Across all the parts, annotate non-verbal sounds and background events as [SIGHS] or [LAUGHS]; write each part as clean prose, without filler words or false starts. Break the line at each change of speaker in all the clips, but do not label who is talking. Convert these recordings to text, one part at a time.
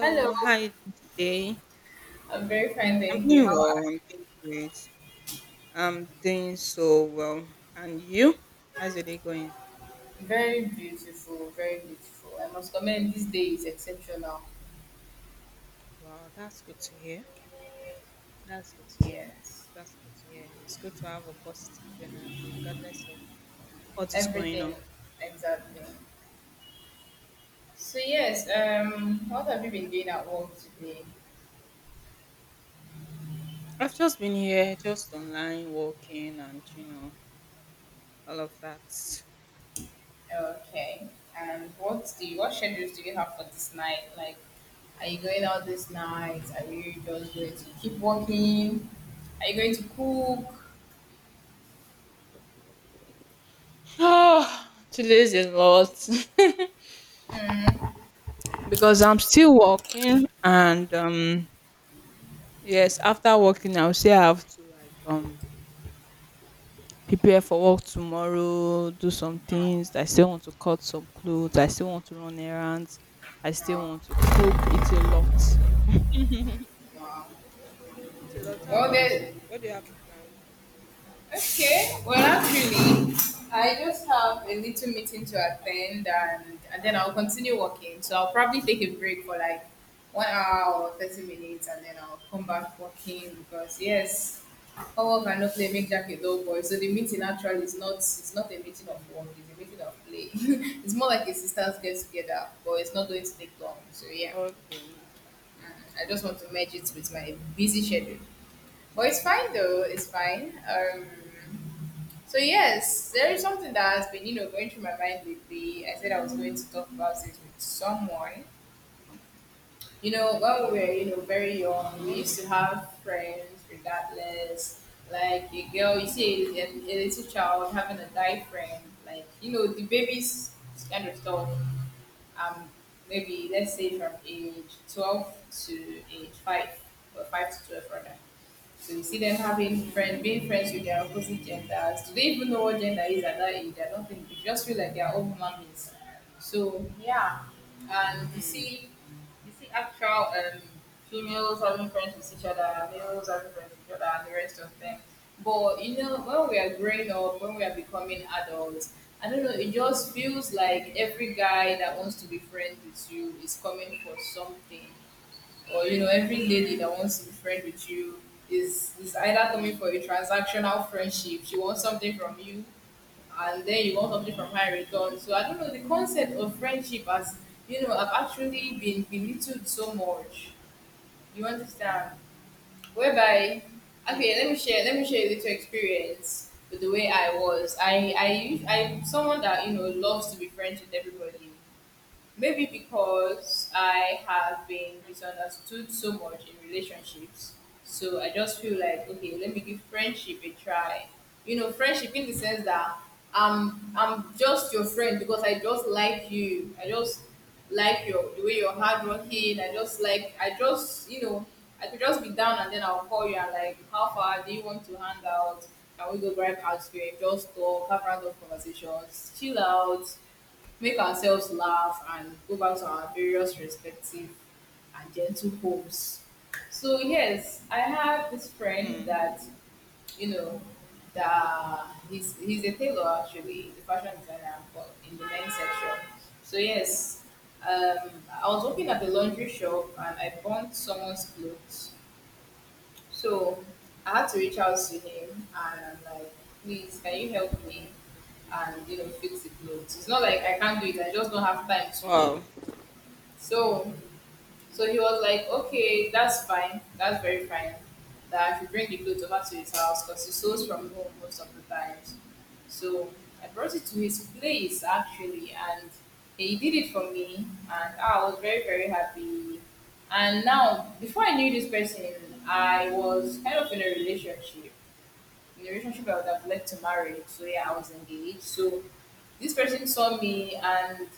Hello,
how are you doing today?
I'm very fine,
I'm
thank you.
doing
How are
well. I'm doing great. I'm doing so well. And you? How's your day going?
you? Very beautiful, very beautiful. I must comment, this day is exceptional.
Wow, that's good to hear. That's good to hear.
Yes,
That's good to hear. It's good to have a positive energy regardless of what is going
everything,
on.
exactly. So, yes, what have you been doing at work today?
I've just been here, just online, walking, and all of that. [SIGHS]
Okay, and what schedules do you have for this night? Like, are you going out this night? Are you just going to keep working? Are you going to cook?
Oh, today's a lot
Mm,
[LAUGHS] because I'm still working, and yes, after working, I'll say I have to like prepare for work tomorrow, do some
no,
things. I still want to cut some clothes. I still want to run errands. I still
no,
want to cook. It's a lot. It's
no.
a lot. How
Well,
about
there,
you? What do you have in plan?
Okay, well, actually, I just have a little meeting to attend, and then I'll continue working. So I'll probably take a break for like 1 hour or 30 minutes, and then I'll come back working because, yes, hard work and no play
Oh,
make Jack a dull boy. So the meeting actually is not a meeting of
mm,
work, it's a meeting of play. [LAUGHS] It's more like a sisters get together, but it's not going to take long. So yeah,
okay. Mm,
I just want to merge it with my busy schedule. But it's fine though, it's fine. So yes, there is something that has been, you know, going through my mind lately. I said I was going to talk about it with someone. You know, when we were, you know, very young,
okay.
we
What's.
used to have friends regardless. Like a girl, you see a little child having a guy friend, like, you know, the babies kind of stuff. Um, Maybe let's say from age 12 to age 5, or 5 to 12 rather. So you see them having friend,
Mm.
being friends with their opposite genders. Do they even know what gender is at that age? I don't think they just feel like they are all human beings. So yeah. And you
Mm,
see actual females having friends with each other, males having friends with each other, and the rest of them. But you know, when we are growing up, when we are becoming adults, I don't know, it just feels like every guy that wants to be friends with you is coming for something, or you know every lady that wants to be friend with you is either coming for
mm,
a transactional friendship, she wants something from you, and then you want something from her in return. So I don't know, the concept of friendship has, you know, I've actually been belittled so much, you understand, whereby
mm,
okay, let me share a little
mm,
experience with the way I was. I'm someone that, you know, loves to be friends with everybody. Maybe because I have been misunderstood so much in relationships. So I just feel like, okay, let me give friendship a try. You know, friendship in the sense that I'm just your friend because I just like you. I just like your the way you're hardworking. I just, you know, I could just be down and then I'll call you and like, how far, do you want to hang out? Can we go grab ice cream? Just talk, have random conversations, chill out, make ourselves laugh and go back to our various respective and gentle homes. So yes, I have this friend
mm.
that, you know, that he's a tailor actually, he's a fashion designer, but in the men's section. So yes, um, I was working at the laundry shop and I burned someone's clothes. So I had to reach out to him and I'm like, please, can you help me and you know fix the clothes? It's not like I can't do it. I just don't have time to.
Wow.
So, so he was like, okay, that's fine. That's very fine. That I should bring the clothes over to his house because he sews from home most of the times. So I brought it to his place actually, and he did it for me, and I was very very happy. And now, before I knew this person, I was kind of in a relationship. In a relationship I would have led to marriage. So yeah, I was engaged. So this person saw me and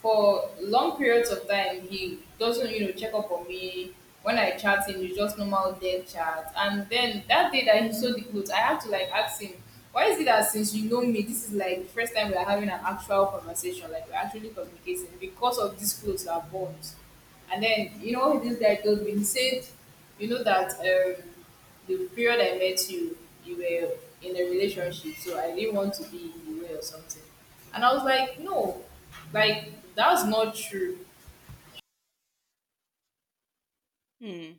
for long periods of time he doesn't, you know, check up on me. When I chat him it's just normal dead chat, and then that day that he sold the clothes I had to like ask him, why is it that since you know me, this is like the first time we are having an actual conversation, like we're actually communicating because of these clothes are bonds. And then you know this guy told me, he said, you know that the period I met you, you were in a relationship, so I didn't want to be in the way or something. And I was like, no, like that's not true.
Mm.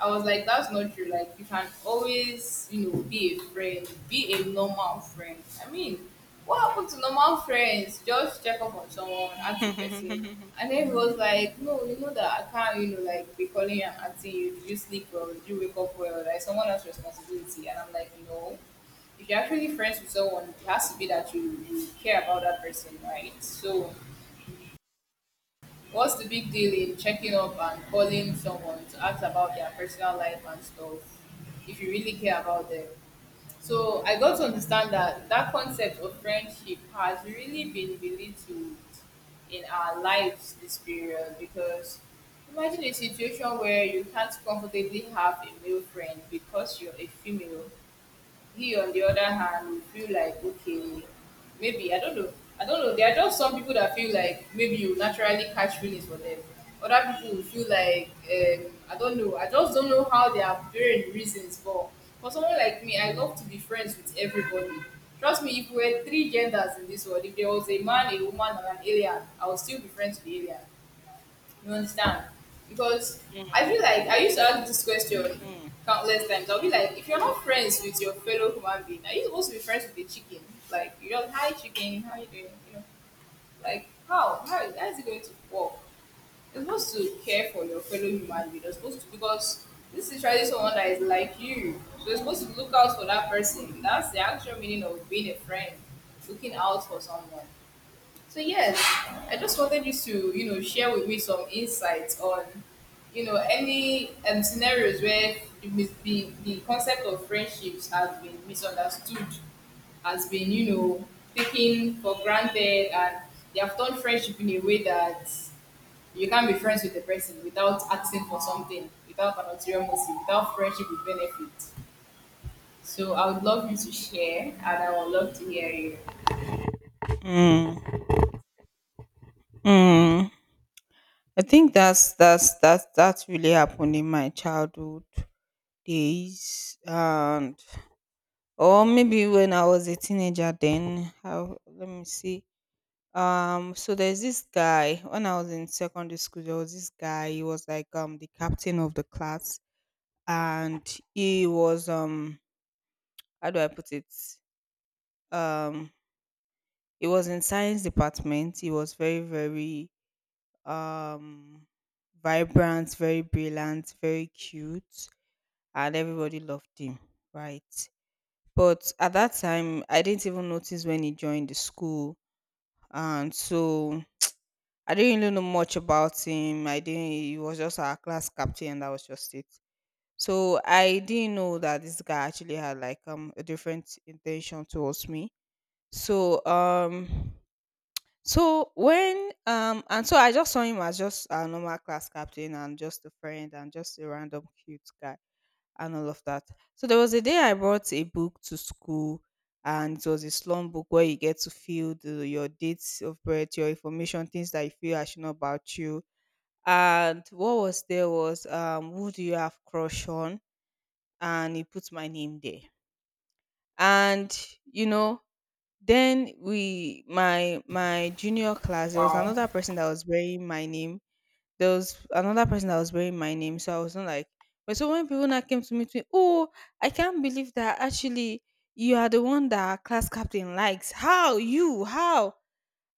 I was like, that's not true. Like, you can always, you know, be a friend, be a normal friend. I mean, what happened to normal friends? Just check up on someone, ask the person. And then he was like, no, you know that I can't, you know, like be calling you and asking you, did you sleep well, did you wake up well? Like, someone else's responsibility. And I'm like, no. If you're actually friends with someone, it has to be that you care about that person, right? So, what's the big deal in checking up and calling someone to ask about their personal life and stuff if you really care about them? So I got to understand that that concept of friendship has really been belittled in our lives this period because imagine a situation where you can't comfortably have a male friend because you're a female. He on the other hand will feel like okay, maybe I don't know, there are just some people that feel like maybe you naturally catch feelings for them. Other people will feel like I don't know, I just don't know how they have varying reasons for. For someone like me, I love to be friends with everybody. Trust me, if we were three genders in this world, if there was a man, a woman and an alien, I would still be friends with the alien. You understand? Because I feel like I used to ask this question countless times. I'll be like, if you're not friends with your fellow human being, are you supposed to be friends with the chicken? Like, you just, hi chicken, how you doing? You know, like, how? How is it going to work? You're supposed to care for your fellow human being. You're supposed to, because this is really someone that is like you. So you're supposed to look out for that person. That's the actual meaning of being a friend, looking out for someone. So yes, I just wanted you to, you know, share with me some insights on, you know, any scenarios where the concept of friendships has been misunderstood, has been, you know, taken for granted, and they have done friendship in a way that you can't be friends with the person without asking for something, without an ulterior motive, without friendship with benefits. So I would love you to share, and I would love to hear you.
Mm. I think that's really happened in my childhood days, and or maybe when I was a teenager. Then, how? Let me see. So there's this guy. When I was in secondary school, there was this guy, he was like the captain of the class, and he was how do I put it? Um he was in science department. He was very, very um vibrant, very brilliant, very cute, and everybody loved him, right? But at that time I didn't even notice when he joined the school, and so I didn't really know much about him. I didn't. He was just our class captain, and that was just it. So I didn't know that this guy actually had like a different intention towards me. So so when and so I just saw him as just a normal class captain and just a friend and just a random cute guy and all of that. So there was a day I brought a book to school. And it was a slum book where you get to fill your dates of birth, your information, things that you feel I should know about you, and what was there was who do you have crush on, and he put my name there. And you know then we my my junior class, there was
Wow,
another person that was wearing my name. There was another person that was wearing my name, so I was not like, but so when people now came to meet me, "Oh, I can't believe that actually you are the one that our class captain likes. How? You, how?"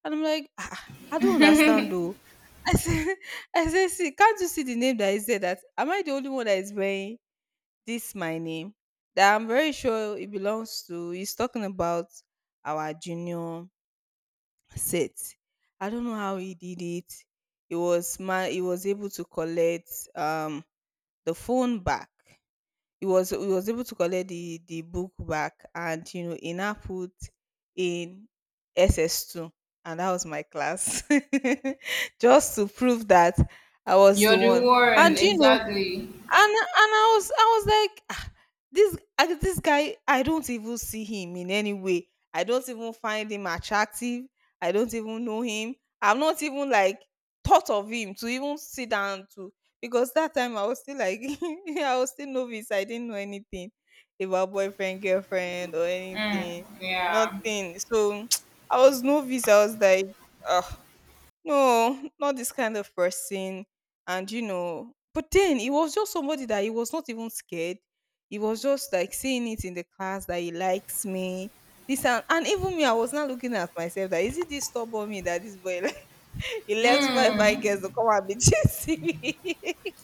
And I'm like, "Ah, I don't understand though." I said, [LAUGHS] I said, "See, can't you see the name that is there? That, am I the only one that is wearing this my name? That I'm very sure it belongs to." He's talking about our junior set. I don't know how he did it. He was my. He was able to collect um the phone back. He was able to collect the book back. And he now put in SS2, and that was my class. [LAUGHS] Just to prove that I was
you're
the
the
one.
one,
And you know
exactly.
And I was like, "Ah, this, this guy, I don't even see him in any way. I don't even find him attractive. I don't even know him. I've not even like thought of him to even sit down to, because that time I was still like, [LAUGHS] I was still novice. I didn't know anything about boyfriend, girlfriend, or anything.
Yeah.
Nothing." So, [TSK] I was novice. I was like, no, not this kind of person. But then he was just somebody that he was not even scared. He was just like saying it in the class that he likes me. And even me, I was not looking at myself that, is it this stubborn me that this boy like, [LAUGHS] he left five girls
Mm.
to come and be [LAUGHS] chasing me.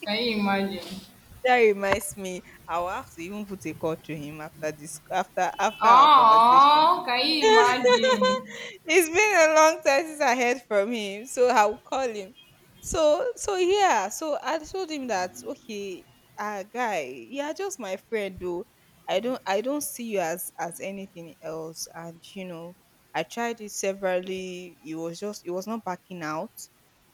Can you imagine?
That reminds me, I will have to even put a call to him after this, after our conversation.
Oh, can you imagine?
It's been a long time since I heard from him, so I'll call him. So, yeah, so I told him that, "Okay, guy, you are just my friend though. I don't see you as anything else." And I tried it severally, it was not backing out.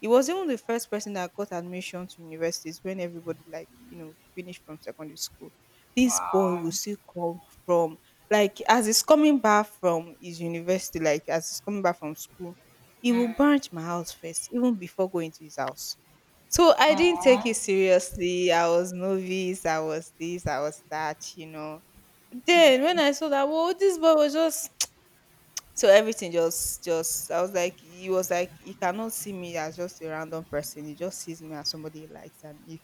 He was even the first person that got admission to universities when everybody, like, finished from secondary school. This boy will
Wow.
still come from, like as he's coming back from his university, like as he's coming back from school, he will
Mm.
branch my house first, even before going to his house. So I didn't take
Oh.
it seriously. I was novice. I was this. I was that. You know. But then when I saw that, well, this boy was just, [TSK] so everything just I was like he cannot see me as just a random person. He just sees me as somebody he likes, and if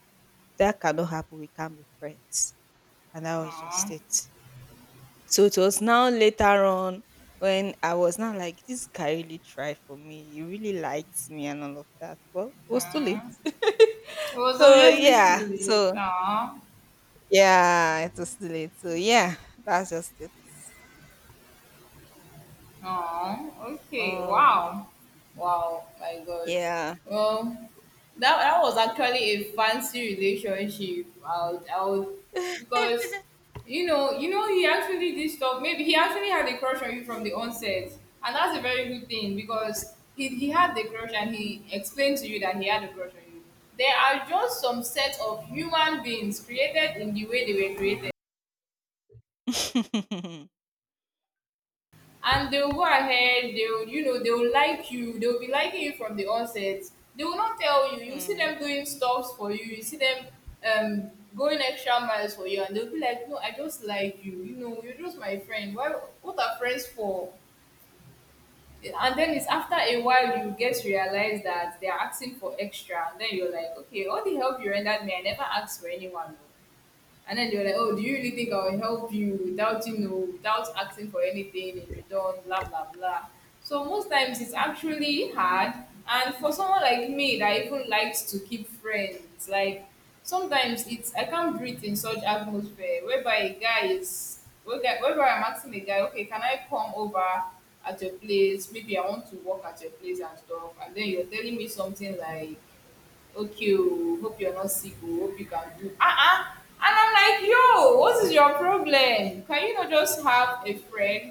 that cannot happen, we can't be friends. And that was just
Oh.
it. So it was now later on, when I was now like, this guy really tried for me. He really likes me and all of that. Well, it was too late.
Mm. It was
So
obviously
yeah.
silly.
So
Oh.
yeah, it was too late. So yeah, that's just it.
Oh, okay.
Um
Wow. Wow, my God.
yeah.
Well, that that was actually a fancy relationship. Because you know, he actually did stuff. Maybe he actually had a crush on you from the onset, and that's a very good thing because he had the crush and he explained to you that he had a crush on you. There are just some set of human beings created in the way they were created.
[LAUGHS] Mm,
And they will go ahead, they will you know they will like you, they will be liking you from the onset, they will not tell you, you see them doing stuffs for you, you see them um going extra miles for you, and they'll be like, no I just like you know, you're just my friend, why, what are friends for? And then it's after a while you get to realize that they're asking for extra, and then you're like, okay, all the help you rendered me, I never asked for anyone, no." And then they were like, "Oh, do you really think I will help you without you know without asking for anything in return?" Blah blah blah. So most times it's actually hard. And for someone like me that even likes to keep friends, like sometimes it's, I can't breathe in such atmosphere whereby a guy is, whereby I'm asking a guy, okay, can I come over at your place? Maybe I want to work at your place and stuff. And then you're telling me something like okay, oh hope you're not sick, oh hope you can do uh-uh. And I'm like, yo, what is your problem, can you not just have a friend?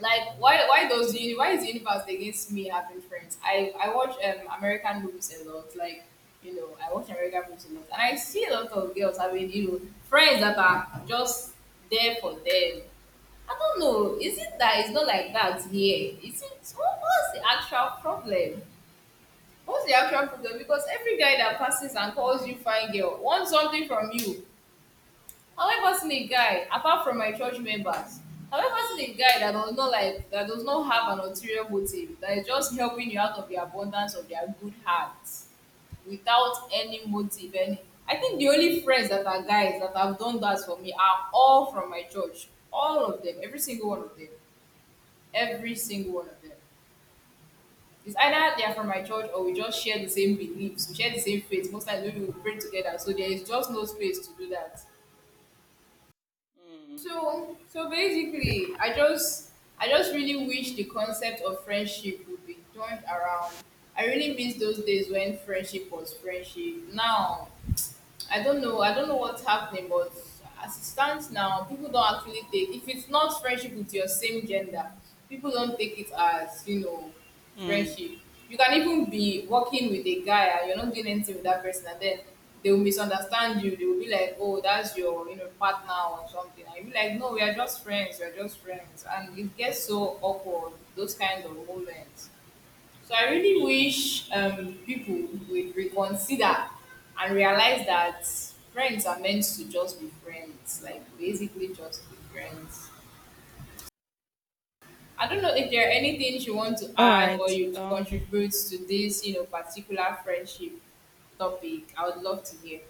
Like, why does why is the universe against me having friends? I watch American movies a lot, like, you know, I watch American movies a lot and I see a lot of girls having, you know, friends that are just there for them. I don't know, is it that it's not like that here? Was the actual problem, what's the actual problem? Because every guy that passes and calls you fine girl wants something from you. Have I ever seen a guy, apart from my church members, have I ever seen a guy that does not like that does not have an
mm,
ulterior motive, that is just helping you out of the abundance of their good hearts without any motive, any, I think the only friends that are guys that have done that for me are all from my church. All of them, every single one of them. Every single one of them. It's either they're from my church or we just share the same beliefs, we share the same faith. Most times maybe we pray together, so there is just no space to do that.
mm,
So so basically, I just really wish the concept of friendship would be turned around. I really miss those days when friendship was friendship. Now I don't know. I don't know what's happening, but as it stands now, people don't actually take. If it's not friendship with your same gender, people don't take it as, you know,
mm.
friendship. You can even be working with a guy and you're not doing anything with that person, and then they will misunderstand you. They will be like, "Oh, that's your you know partner or something," and you'll be like, "No, we are just friends. We are just friends," and it gets so awkward. Those kind of moments. So I really wish people would reconsider and realize that friends are meant to just be friends, like basically just be friends. I don't know if there are any things you want to
All
add or
right.
you to contribute to this, you know, particular friendship topic. I would love to hear.